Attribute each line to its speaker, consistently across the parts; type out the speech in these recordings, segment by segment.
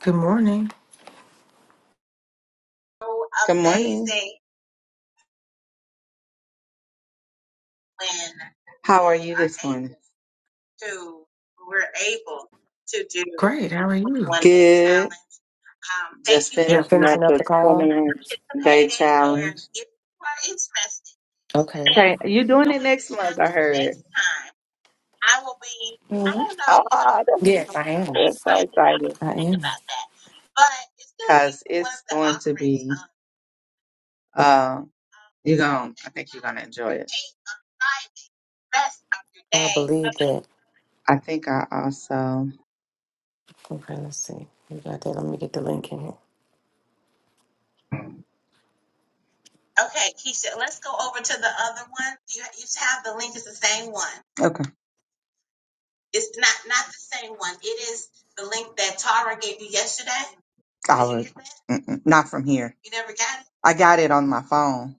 Speaker 1: Good morning.
Speaker 2: Good morning. How are you this morning?
Speaker 1: Great. How are you?
Speaker 2: Good. Just
Speaker 1: Yeah,
Speaker 2: finishing up
Speaker 1: finishing up
Speaker 2: the
Speaker 1: the call.
Speaker 2: 21 day challenge.
Speaker 1: Okay.
Speaker 2: Okay, you're doing it next month, I heard.
Speaker 1: hmm
Speaker 2: Oh, that's,
Speaker 1: Yes, I am.
Speaker 2: that's so exciting.
Speaker 1: I am.
Speaker 2: Because it's going to be, uh, you're going, I think you're going to enjoy it.
Speaker 1: I believe that.
Speaker 2: I think I also,
Speaker 1: Okay, let's see. You got that. Let me get the link in here.
Speaker 2: okay, I was mm-mm, not from here. I got it on my phone.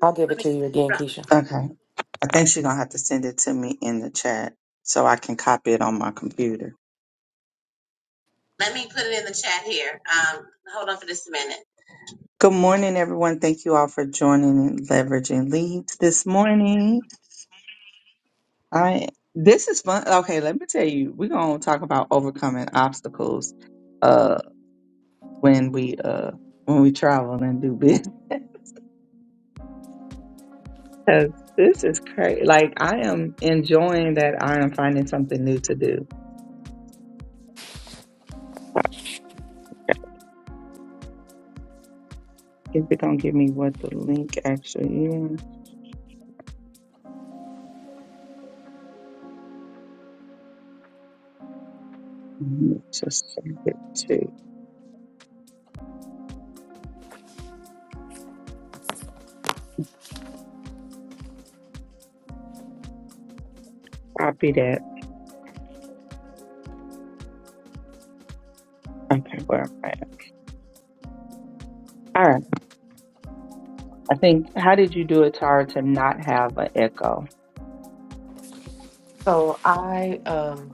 Speaker 1: I'll give it to you again, Keisha.
Speaker 2: Okay. I think she's gonna have to send it to me in the chat so I can copy it on my computer. Good morning, everyone. Thank you all for joining and leveraging leads this morning. I this is fun. Okay, let me tell you, we're gonna talk about overcoming obstacles uh when we uh when we travel and do business. Cause This is crazy. Like I am enjoying that I am finding something new to do. If it gonna give me what the link actually is? Mhm. Just send it Copy that. Okay, where am I? at? All right. I think, how did you do it, Tara, to not have an echo?
Speaker 1: So I, um,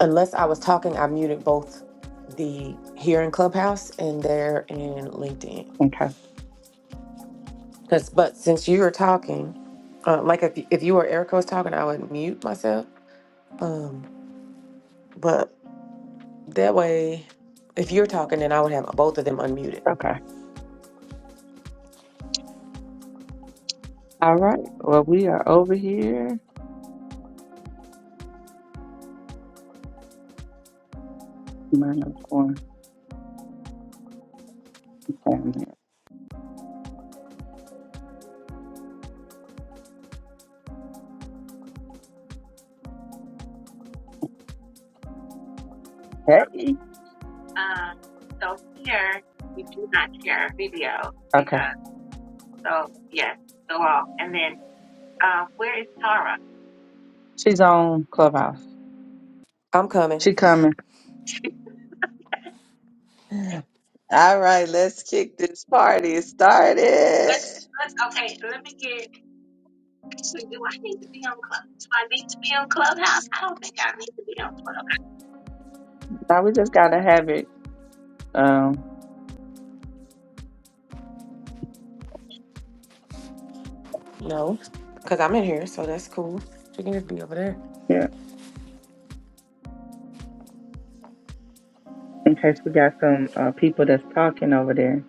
Speaker 1: unless I was talking, I muted both the here in Clubhouse and there in LinkedIn.
Speaker 2: Okay.
Speaker 1: Cause, but since you were talking, uh, like if if you or Erica was talking, I would mute myself. Um, but That way, if you're talking, then I would have both of them unmuted.
Speaker 2: Okay. All right. Well, we are over here. Minus one family. Hey. Okay. She's on Clubhouse.
Speaker 1: I'm coming.
Speaker 2: She coming. All right, let's kick this party started. Now we just gotta have it. Um,
Speaker 1: No, because I'm in here, so that's cool. She can just be over there.
Speaker 2: yeah, in case we got some uh, people that's talking over there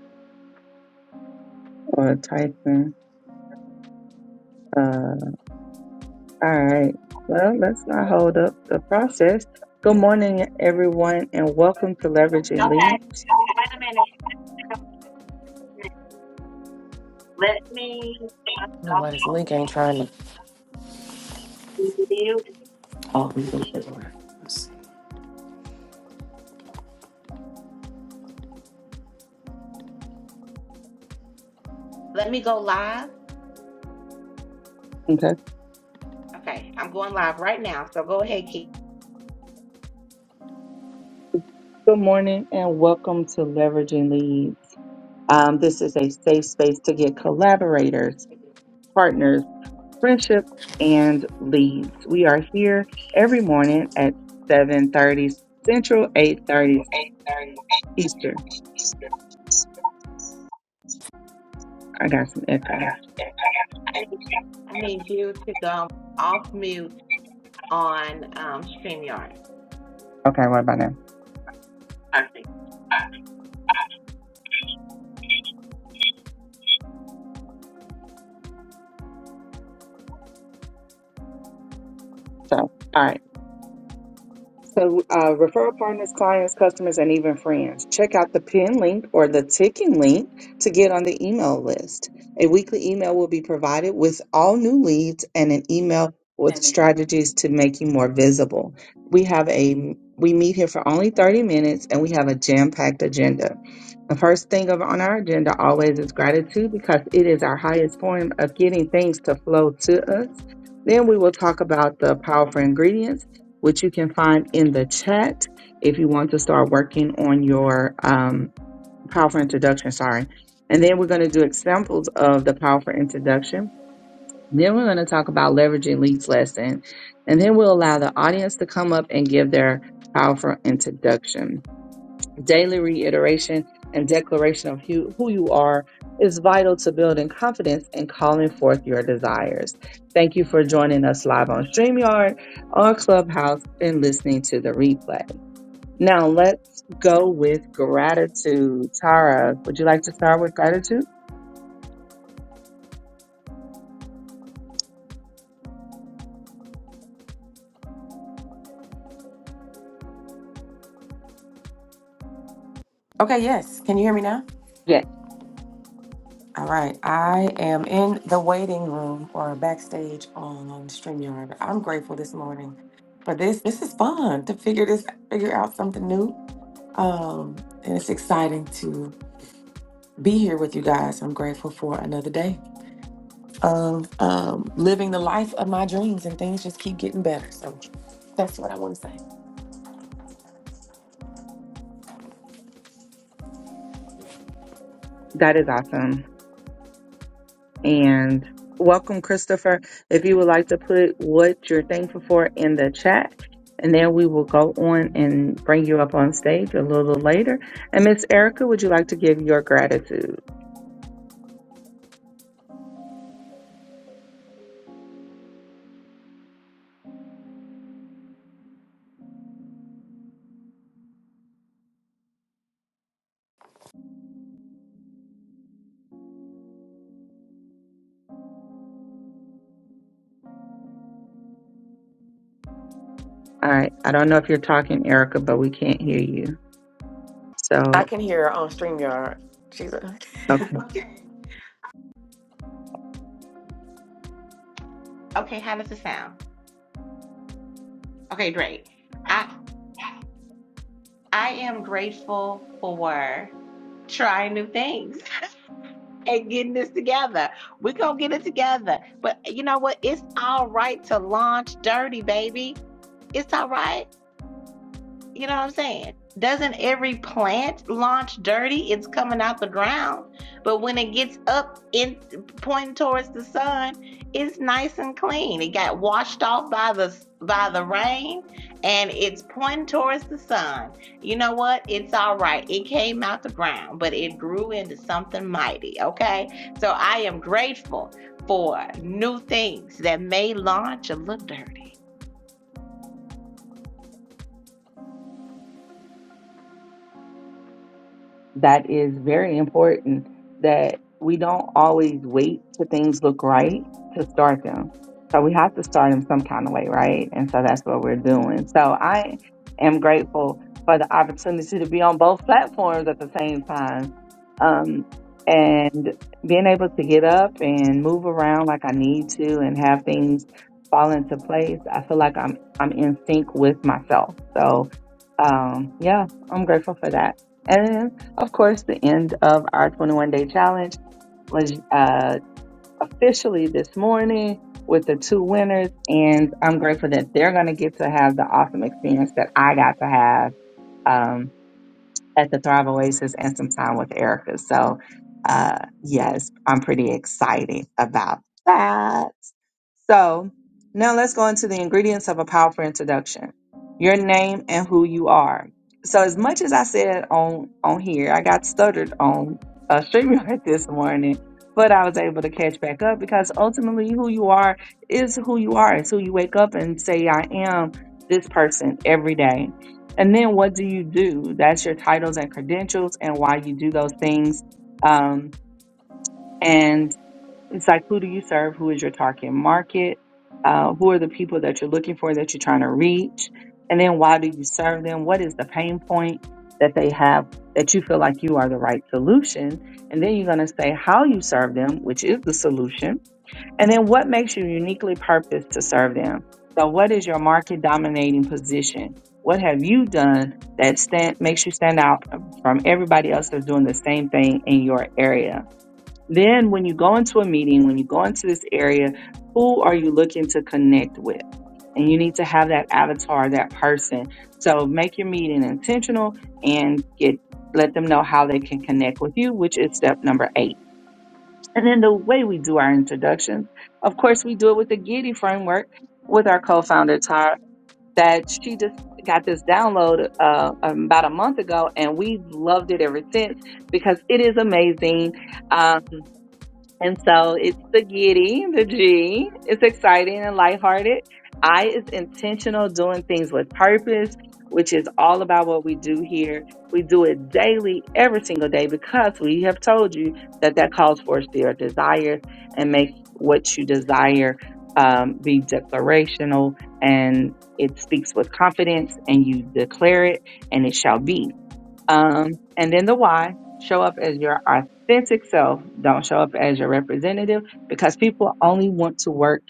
Speaker 2: or typing. Uh, all right. Well, let's not hold up the process. Good morning, everyone, and welcome to Leveraging Leads.
Speaker 1: I don't know why this link ain't trying to. Oh, we can get over. Let's
Speaker 3: Let me go live.
Speaker 2: Okay. Okay.
Speaker 3: Okay, I'm going live right now. So go ahead, Keith.
Speaker 2: Good morning, and welcome to Leveraging Leads. Um, this is a safe space to get collaborators, partners. friendship and leads. We are here every morning at 7:30 Central, 8:30 Eastern. I got some echo.
Speaker 3: I need you to go off mute on um, StreamYard.
Speaker 2: Okay, what about now? So, all right. So, uh, referral partners, clients, customers, and even friends. Check out the pin link or the ticking link to get on the email list. A weekly email will be provided with all new leads and an email with
Speaker 1: see.
Speaker 2: strategies to make you more visible. We have a we meet here for only 30 minutes and we have a jam-packed agenda. The first thing of- on our agenda always is gratitude because it is our highest form of getting things to flow to us. Then we will talk about the powerful ingredients which you can find in the chat if you want to start working on your um, powerful introduction. Sorry. And then we're going to do examples of the powerful introduction. Then we're going to talk about leveraging leads lesson. And then we'll allow the audience to come up and give their powerful introduction. Daily reiteration and declaration of who, who you are is vital to building confidence and calling forth your desires. Thank you for joining us live on StreamYard, on Clubhouse, and listening to the replay. Now let's go with gratitude. Tara, would you like to start with gratitude?
Speaker 1: okay, yes. Can you hear me now?
Speaker 2: Yes.
Speaker 1: All right. I am in the waiting room or backstage on StreamYard. I'm grateful this morning for this. This is fun to figure this figure out something new. Um, and it's exciting to be here with you guys. I'm grateful for another day. of um, living the life of my dreams, and things just keep getting better. So that's what I want to say.
Speaker 2: That is awesome. And welcome, Christopher. If you would like to put what you're thankful for in the chat, and then we will go on and bring you up on stage a little later. And Miss Erica, would you like to give your gratitude? All right. I don't know if you're talking, Erica, but we can't hear you.
Speaker 1: I
Speaker 2: So,
Speaker 1: can hear her on StreamYard. She's a-
Speaker 2: okay.
Speaker 3: Okay, how does it sound? Okay, great. I I am grateful for trying new things and getting this together. We're gonna get it together. But you know what? It's all right to launch dirty, baby. It's all right. You know what I'm saying? Doesn't every plant launch dirty? It's coming out the ground. But when it gets up in pointing towards the sun, it's nice and clean. It got washed off by the by the rain and it's pointing towards the sun. You know what? It's all right. It came out the ground, but it grew into something mighty, okay? So I am grateful for new things that may launch a little dirty
Speaker 2: that is very important that we don't always wait till things look right to start them. So we have to start them some kind of way, right? And so that's what we're doing. So I am grateful for the opportunity to be on both platforms at the same time. Um, and being able to get up and move around like I need to and have things fall into place. I feel like I'm I'm in sync with myself. So um yeah, I'm grateful for that. Of course, the end of our 21 day challenge was uh, officially this morning with the two winners, and I'm grateful that they're going to get to have the awesome experience that I got to have um, at the Thrive Oasis and some time with Erica. So, uh, yes, I'm pretty excited about that. So now let's go into the ingredients of a powerful introduction. Your name and who you are. So as much as I said on on here, I got stuttered on uh, StreamYard this morning, but I was able to catch back up because ultimately who you are is who you are. It's who you wake up and say, I am this person every day. And then what do you do? That's your titles and credentials and why you do those things. Um, it's like, who do you serve? Who is your target market? Uh, who are the people that you're looking for that you're trying to reach? And then why do you serve them? What is the pain point that they have that you feel like you are the right solution? And then you're going to say how you serve them, which is the solution. And then what makes you uniquely purposed to serve them? So, what is your market dominating position? What have you done that stand, makes you stand out from everybody else that's doing the same thing in your area? Then, when you go into a meeting, when you go into this area, who are you looking to connect with? And you need to have that avatar, that person. So make your meeting intentional and get let them know how they can connect with you, which is step number eight. And then the way we do our introductions, of course, we do it with the Giddy framework with our co-founder Tara. That she just got this download uh, um, about a month ago, and we've loved it ever since because it is amazing. Um, and so it's the giddy, the G. It's exciting and lighthearted. I is intentional, doing things with purpose, which is all about what we do here. We do it daily, every single day, because we have told you that that calls for your desires and make what you desire um, be declarational and it speaks with confidence and you declare it and it shall be. Um, and then the why show up as your authentic self. Don't show up as your representative because people only want to work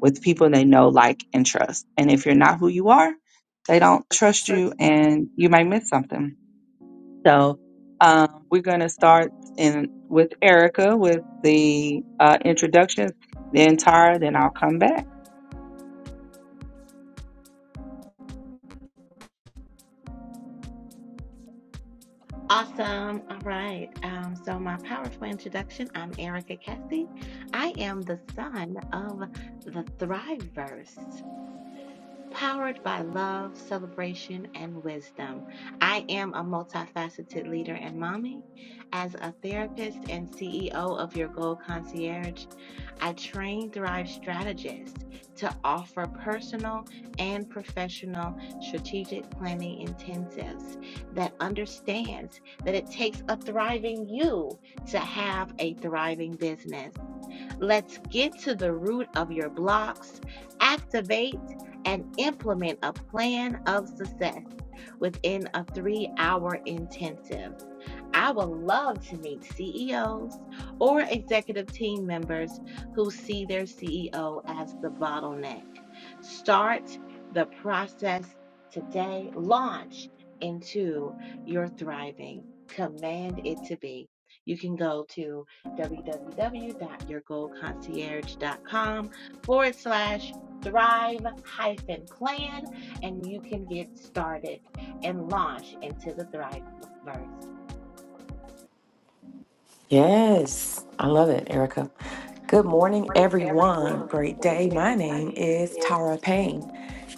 Speaker 2: with people they know, like, and trust. And if you're not who you are, they don't trust you and you might miss something. So um, we're going to start in with Erica with the uh, introductions, then Tara, then I'll come back.
Speaker 3: Awesome. All right. Um, so, my powerful introduction I'm Erica Cassie. I am the son of the Thriveverse, powered by love, celebration, and wisdom. I am a multifaceted leader and mommy. As a therapist and CEO of Your Goal Concierge, I train Thrive strategists to offer personal and professional strategic planning intensives that understands that it takes a thriving you to have a thriving business. Let's get to the root of your blocks, activate and implement a plan of success within a three hour intensive. I would love to meet CEOs or executive team members who see their CEO as the bottleneck. Start the process today, launch into your thriving. Command it to be. You can go to www.yourgoalconcierge.com forward slash thrive hyphen plan and you can get started and launch into the Thrive Verse.
Speaker 1: yes, I love it, Erica. Good morning, everyone. Great day. My name is Tara Payne,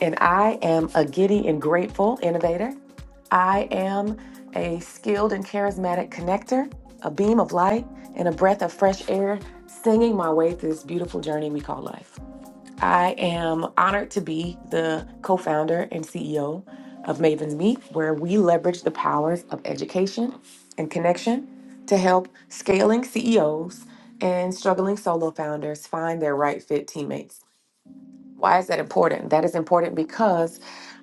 Speaker 1: and I am a giddy and grateful innovator. I am a skilled and charismatic connector, a beam of light, and a breath of fresh air, singing my way through this beautiful journey we call life. I am honored to be the co founder and CEO of Mavens Meet, where we leverage the powers of education and connection to help scaling CEOs and struggling solo founders find their right fit teammates. Why is that important? That is important because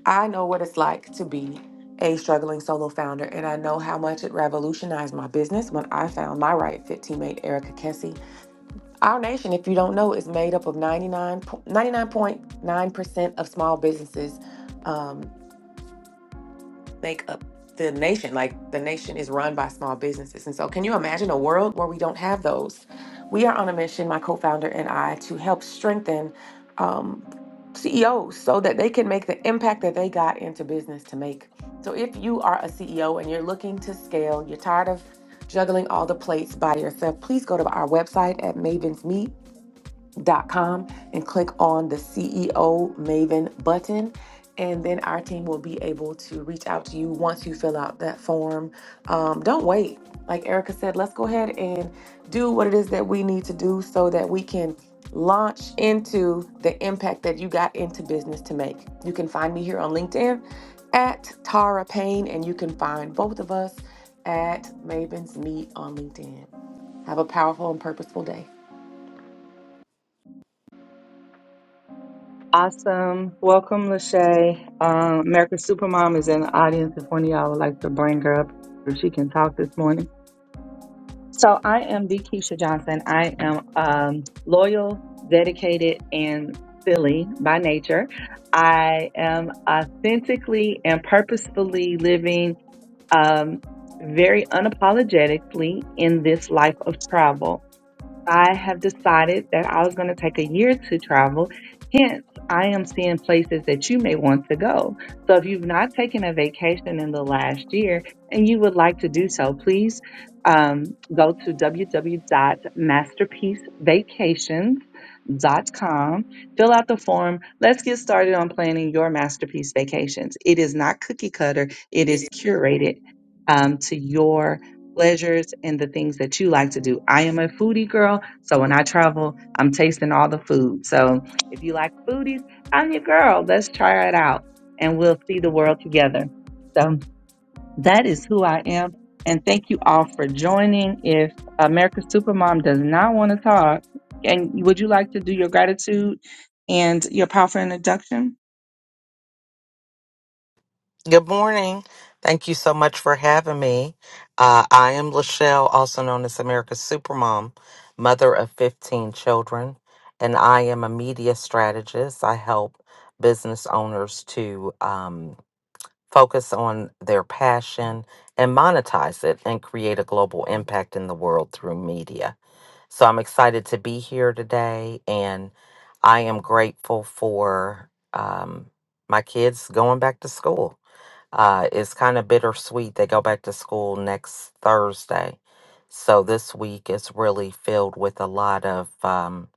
Speaker 1: I know what it's like to be a struggling solo founder, and I know how much it revolutionized my business when I found my right fit teammate, Erica Kessie. Our nation, if you don't know, is made up of 99, po- 99.9% of small businesses um, make up the nation. Like the nation is run by small businesses. And so, can you imagine a world where we don't have those? We are on a mission, my co founder and I, to help strengthen um, CEOs so that they can make the impact that they got into business to make. So, if you are a CEO and you're looking to scale, you're tired of juggling all the plates by yourself, please go to our website at Maven's Meet dot com and click on the CEO Maven button. And then our team will be able to reach out to you once you fill out that form. Um, don't wait. Like Erica said, let's go ahead and do what it is that we need to do so that we can launch into the impact that you got into business to make. You can find me here on LinkedIn at Tara Payne, and you can find both of us at Maven's Meet on LinkedIn. Have a powerful and purposeful day.
Speaker 2: Awesome. Welcome, Lachey. Um, America's Supermom is in the audience if one of y'all would like to bring her up if she can talk this morning. So I am the Keisha Johnson. I am um, loyal, dedicated, and silly by nature. I am authentically and purposefully living um, very unapologetically in this life of travel. I have decided that I was going to take a year to travel. Hence, I am seeing places that you may want to go. So, if you've not taken a vacation in the last year and you would like to do so, please um, go to www.masterpiecevacations.com, fill out the form. Let's get started on planning your masterpiece vacations. It is not cookie cutter, it
Speaker 1: It is.
Speaker 2: is curated um, to your pleasures and the things that you like to do. I am a foodie girl, so when I travel, I'm tasting all the food. So if you like foodies, I'm your girl. Let's try it out and we'll see the world together. So that is who I am. And thank you all for joining. If America's Supermom does not want to talk, and would you like to do your gratitude and your powerful introduction?
Speaker 4: Good morning. Thank you so much for having me. Uh, I am Lachelle, also known as America's Supermom, mother of 15 children, and I am a media strategist. I help business owners to um, focus on their passion and monetize it and create a global impact in the world through media. So I'm excited to be here today, and I am grateful for um, my kids going back to school uh, it's kind of bittersweet. They go back to school next Thursday. So this week is really filled with a lot of um,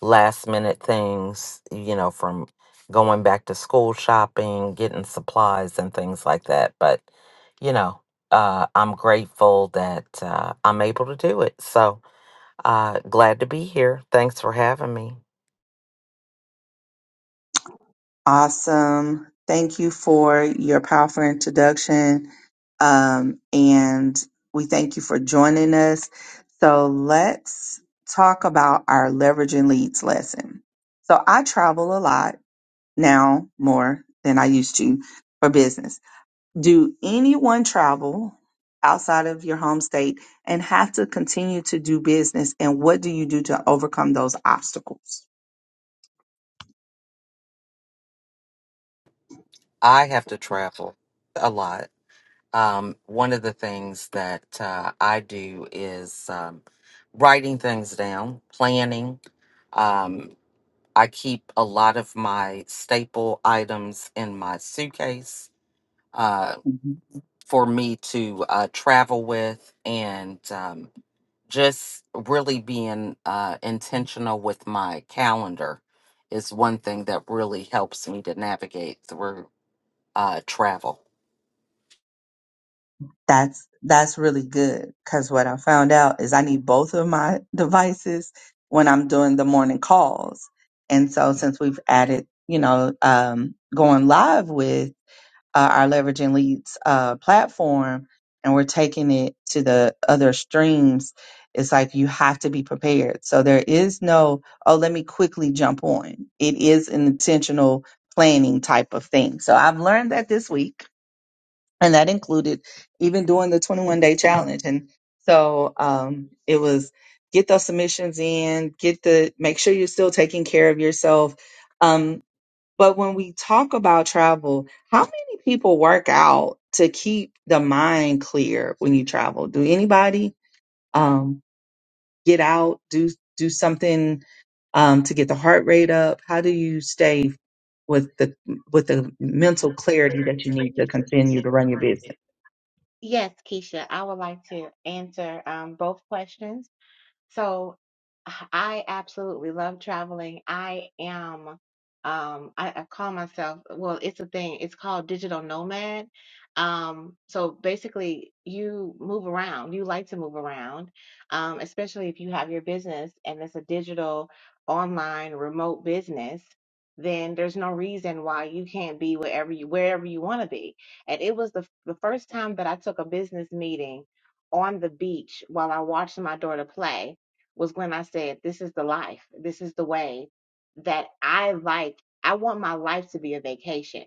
Speaker 4: last minute things, you know, from going back to school shopping, getting supplies, and things like that. But, you know, uh, I'm grateful that uh, I'm able to do it. So uh, glad to be here. Thanks for having me.
Speaker 2: Awesome. Thank you for your powerful introduction. Um, and we thank you for joining us. So let's talk about our leveraging leads lesson. So I travel a lot now more than I used to for business. Do anyone travel outside of your home state and have to continue to do business? And what do you do to overcome those obstacles?
Speaker 4: I have to travel a lot Um, one of the things that uh, I do is um, writing things down, planning. Um, I keep a lot of my staple items in my suitcase uh,
Speaker 2: Mm-hmm.
Speaker 4: for me to uh, travel with and um, just really being uh, intentional with my calendar is one thing that really helps me to navigate through uh, travel.
Speaker 2: that's that's really good because what I found out is I need both of my devices when I'm doing the morning calls. And so since we've added, you know, um, going live with uh, our leveraging leads uh, platform, and we're taking it to the other streams, it's like you have to be prepared. So there is no oh, let me quickly jump on. It is an intentional planning type of thing. So I've learned that this week and that included even doing the 21 day challenge and so um, it was get those submissions in get the make sure you're still taking care of yourself um, but when we talk about travel how many people work out to keep the mind clear when you travel do anybody um, get out do do something um, to get the heart rate up how do you stay with the with the mental clarity that you need to continue to run your business
Speaker 3: Yes, Keisha, I would like to answer um, both questions. So I absolutely love traveling. I am, um, I, I call myself, well, it's a thing. It's called digital nomad. Um, so basically, you move around. You like to move around, um, especially if you have your business and it's a digital, online, remote business. Then there's no reason why you can't be wherever you wherever you want to be. And it was the the first time that I took a business meeting on the beach while I watched my daughter play was when I said, This is the life. This is the way that I like. I want my life to be a vacation.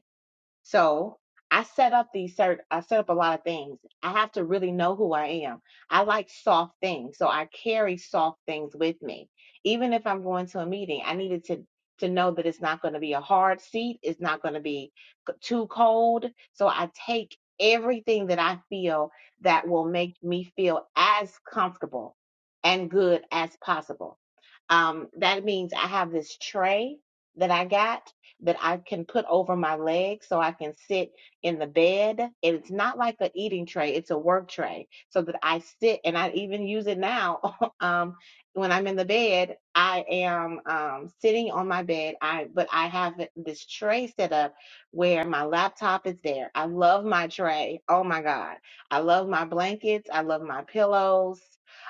Speaker 3: So I set up these cert I set up a lot of things. I have to really know who I am. I like soft things, so I carry soft things with me. Even if I'm going to a meeting, I needed to to know that it's not going to be a hard seat, it's not going to be c- too cold. So I take everything that I feel that will make me feel as comfortable and good as possible. Um, that means I have this tray that I got that I can put over my legs so I can sit in the bed. And it's not like a eating tray, it's a work tray so that I sit and I even use it now. um, when I'm in the bed, I am um, sitting on my bed. I but I have this tray set up where my laptop is there. I love my tray. Oh my God. I love my blankets. I love my pillows.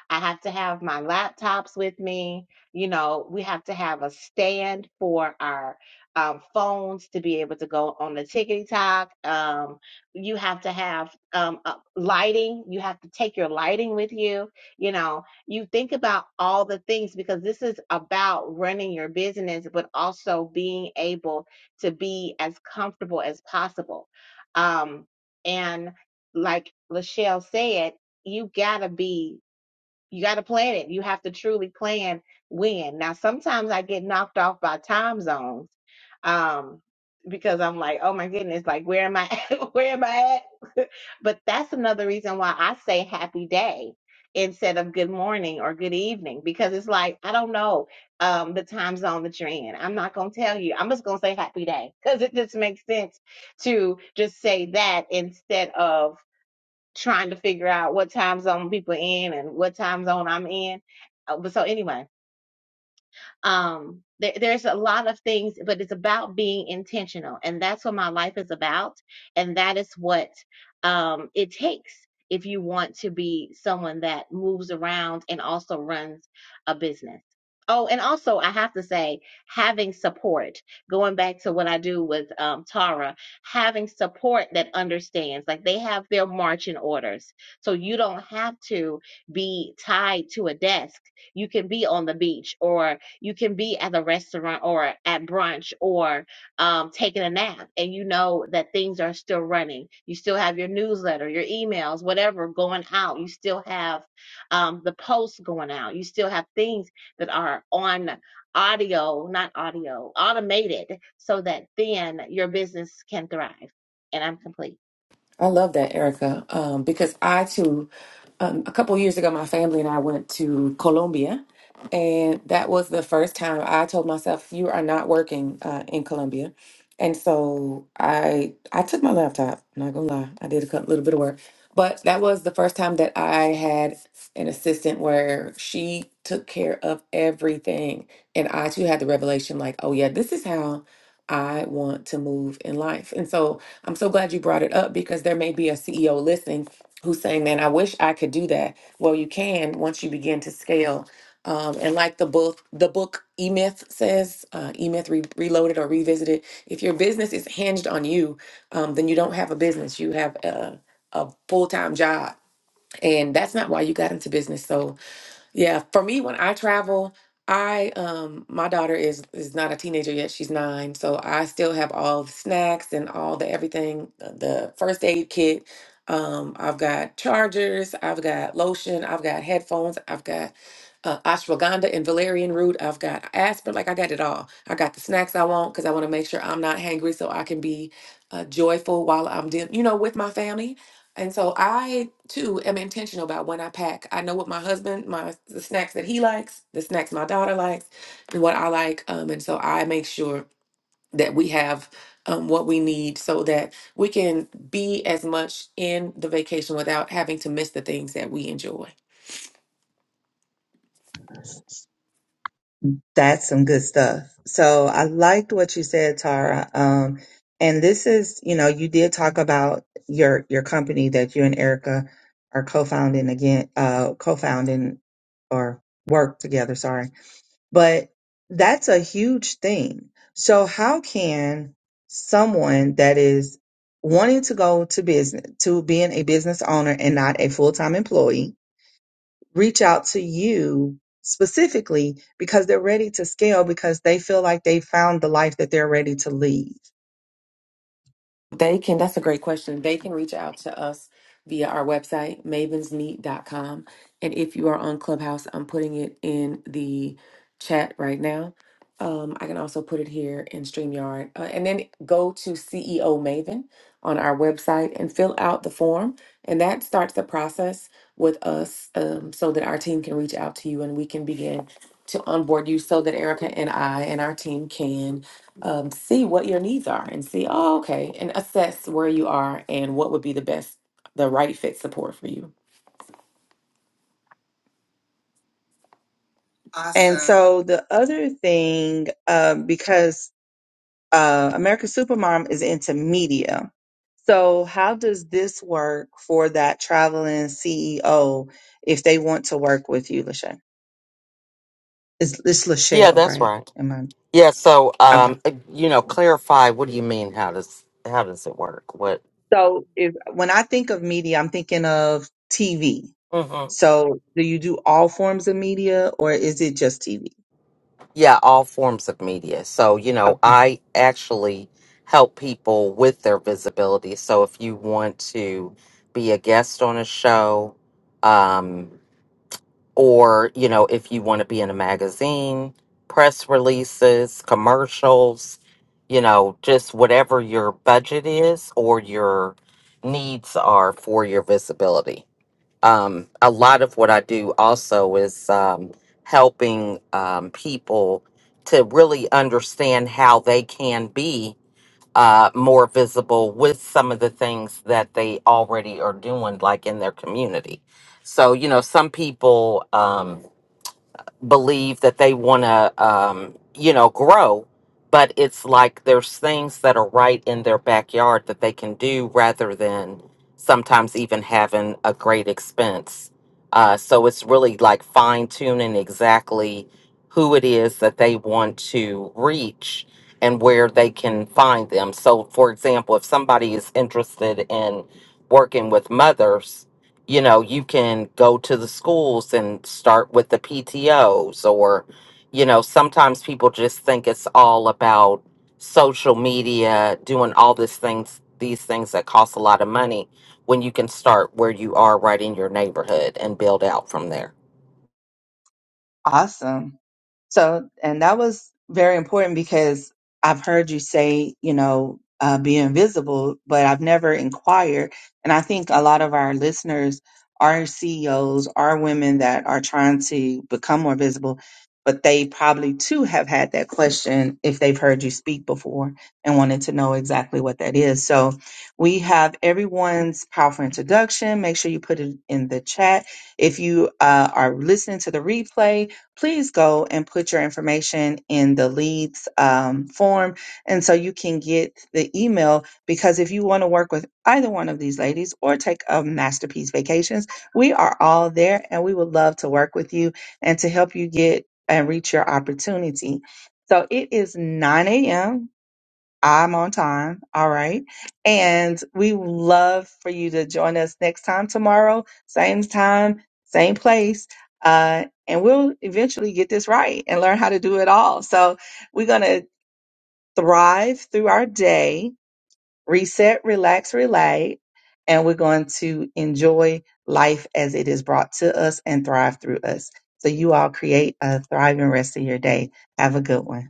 Speaker 3: I have to have my laptops with me. You know, we have to have a stand for our um, phones to be able to go on the TikTok. Um, you have to have um, uh, lighting. You have to take your lighting with you. You know, you think about all the things because this is about running your business, but also being able to be as comfortable as possible. Um, and like Lachelle said, you gotta be you got to plan it. You have to truly plan when. Now, sometimes I get knocked off by time zones um, because I'm like, oh my goodness, like where am I? At? where am I at? But that's another reason why I say happy day instead of good morning or good evening because it's like I don't know um, the time zone that you're in. I'm not gonna tell you. I'm just gonna say happy day because it just makes sense to just say that instead of trying to figure out what time zone people in and what time zone I'm in. Uh, But so anyway, um there, there's a lot of things but it's about being intentional and that's what my life is about and that is what um it takes if you want to be someone that moves around and also runs a business oh and also i have to say having support going back to what i do with um, tara having support that understands like they have their marching orders so you don't have to be tied to a desk you can be on the beach or you can be at the restaurant or at brunch or um, taking a nap, and you know that things are still running. You still have your newsletter, your emails, whatever going out. You still have um, the posts going out. You still have things that are on audio, not audio, automated, so that then your business can thrive. And I'm complete.
Speaker 1: I love that, Erica, um, because I too, um, a couple years ago, my family and I went to Colombia, and that was the first time I told myself, "You are not working uh, in Colombia," and so I I took my laptop. I'm not gonna lie, I did a cou- little bit of work, but that was the first time that I had an assistant where she took care of everything, and I too had the revelation, like, "Oh yeah, this is how." I want to move in life. And so I'm so glad you brought it up because there may be a CEO listening who's saying, "Man, I wish I could do that." Well, you can once you begin to scale. Um, and like the book, the book E Myth says, uh, E Myth Re- Reloaded or Revisited. If your business is hinged on you, um, then you don't have a business. You have a, a full time job, and that's not why you got into business. So yeah, for me, when I travel, I um my daughter is is not a teenager yet. She's nine, so I still have all the snacks and all the everything, uh, the first aid kit. Um, I've got chargers, I've got lotion, I've got headphones, I've got uh, ashwagandha and valerian root. I've got aspirin, like I got it all. I got the snacks I want because I want to make sure I'm not hangry, so I can be uh, joyful while I'm doing, you know, with my family. And so I too am intentional about when I pack. I know what my husband, my the snacks that he likes, the snacks my daughter likes, and what I like. Um, and so I make sure that we have um, what we need so that we can be as much in the vacation without having to miss the things that we enjoy.
Speaker 2: That's some good stuff. So I liked what you said, Tara. Um, and this is, you know, you did talk about your your company that you and Erica are co-founding again, uh, co-founding or work together. Sorry, but that's a huge thing. So how can someone that is wanting to go to business to being a business owner and not a full-time employee reach out to you specifically because they're ready to scale because they feel like they found the life that they're ready to lead.
Speaker 1: They can, that's a great question. They can reach out to us via our website, mavensmeet.com. And if you are on Clubhouse, I'm putting it in the chat right now. Um, I can also put it here in StreamYard. Uh, and then go to CEO Maven on our website and fill out the form. And that starts the process with us um, so that our team can reach out to you and we can begin to onboard you so that Erica and I and our team can um, see what your needs are and see, oh, okay, and assess where you are and what would be the best, the right fit support for you.
Speaker 2: And so the other thing, um, because uh, American Supermom is into media. So, how does this work for that traveling CEO if they want to work with you, Lachelle? It's, it's
Speaker 4: Yeah,
Speaker 2: Lachelle,
Speaker 4: that's
Speaker 2: right?
Speaker 4: right.
Speaker 2: Am
Speaker 4: Yeah, so
Speaker 2: I okay?
Speaker 4: um uh, you know, clarify what do you mean how does how does it work? What
Speaker 2: So, if when I think of media, I'm thinking of TV.
Speaker 4: hmm
Speaker 2: So, do you do all forms of media, or is it just TV?
Speaker 4: Yeah, all forms of media. So, you know, I actually help people with their visibility. So if you want to be a guest on a show um or, you know, if you want to be in a magazine, press releases, commercials, you know, just whatever your budget is or your needs are for your visibility. um, a lot of what I do also is um, helping um, people to really understand how they can be uh, more visible with some of the things that they already are doing, like in their community. So, you know, some people. Um, believe that they want to, um, you know, grow, but it's like there's things that are right in their backyard that they can do rather than sometimes even having a great expense. Uh, so it's really like fine tuning exactly who it is that they want to reach and where they can find them. So, for example, if somebody is interested in working with mothers, you know, you can go to the schools and start with the PTOs, or, you know, sometimes people just think it's all about social media, doing all these things, these things that cost a lot of money when you can start where you are right in your neighborhood and build out from there.
Speaker 2: Awesome. So, and that was very important because I've heard you say, you know, uh, be invisible, but I've never inquired. And I think a lot of our listeners are CEOs, are women that are trying to become more visible, but they probably too have had that question if they've heard you speak before and wanted to know exactly what that is. So we have everyone's powerful introduction. Make sure you put it in the chat if you uh, are listening to the replay please go and put your information in the leads um, form. And so you can get the email because if you want to work with either one of these ladies or take a masterpiece vacations, we are all there and we would love to work with you and to help you get and reach your opportunity. So it is 9 a.m. I'm on time. All right. And we would love for you to join us next time tomorrow, same time, same place. Uh, and we'll eventually get this right and learn how to do it all. So we're going to thrive through our day, reset, relax, relate, and we're going to enjoy life as it is brought to us and thrive through us. So you all create a thriving rest of your day. Have a good one.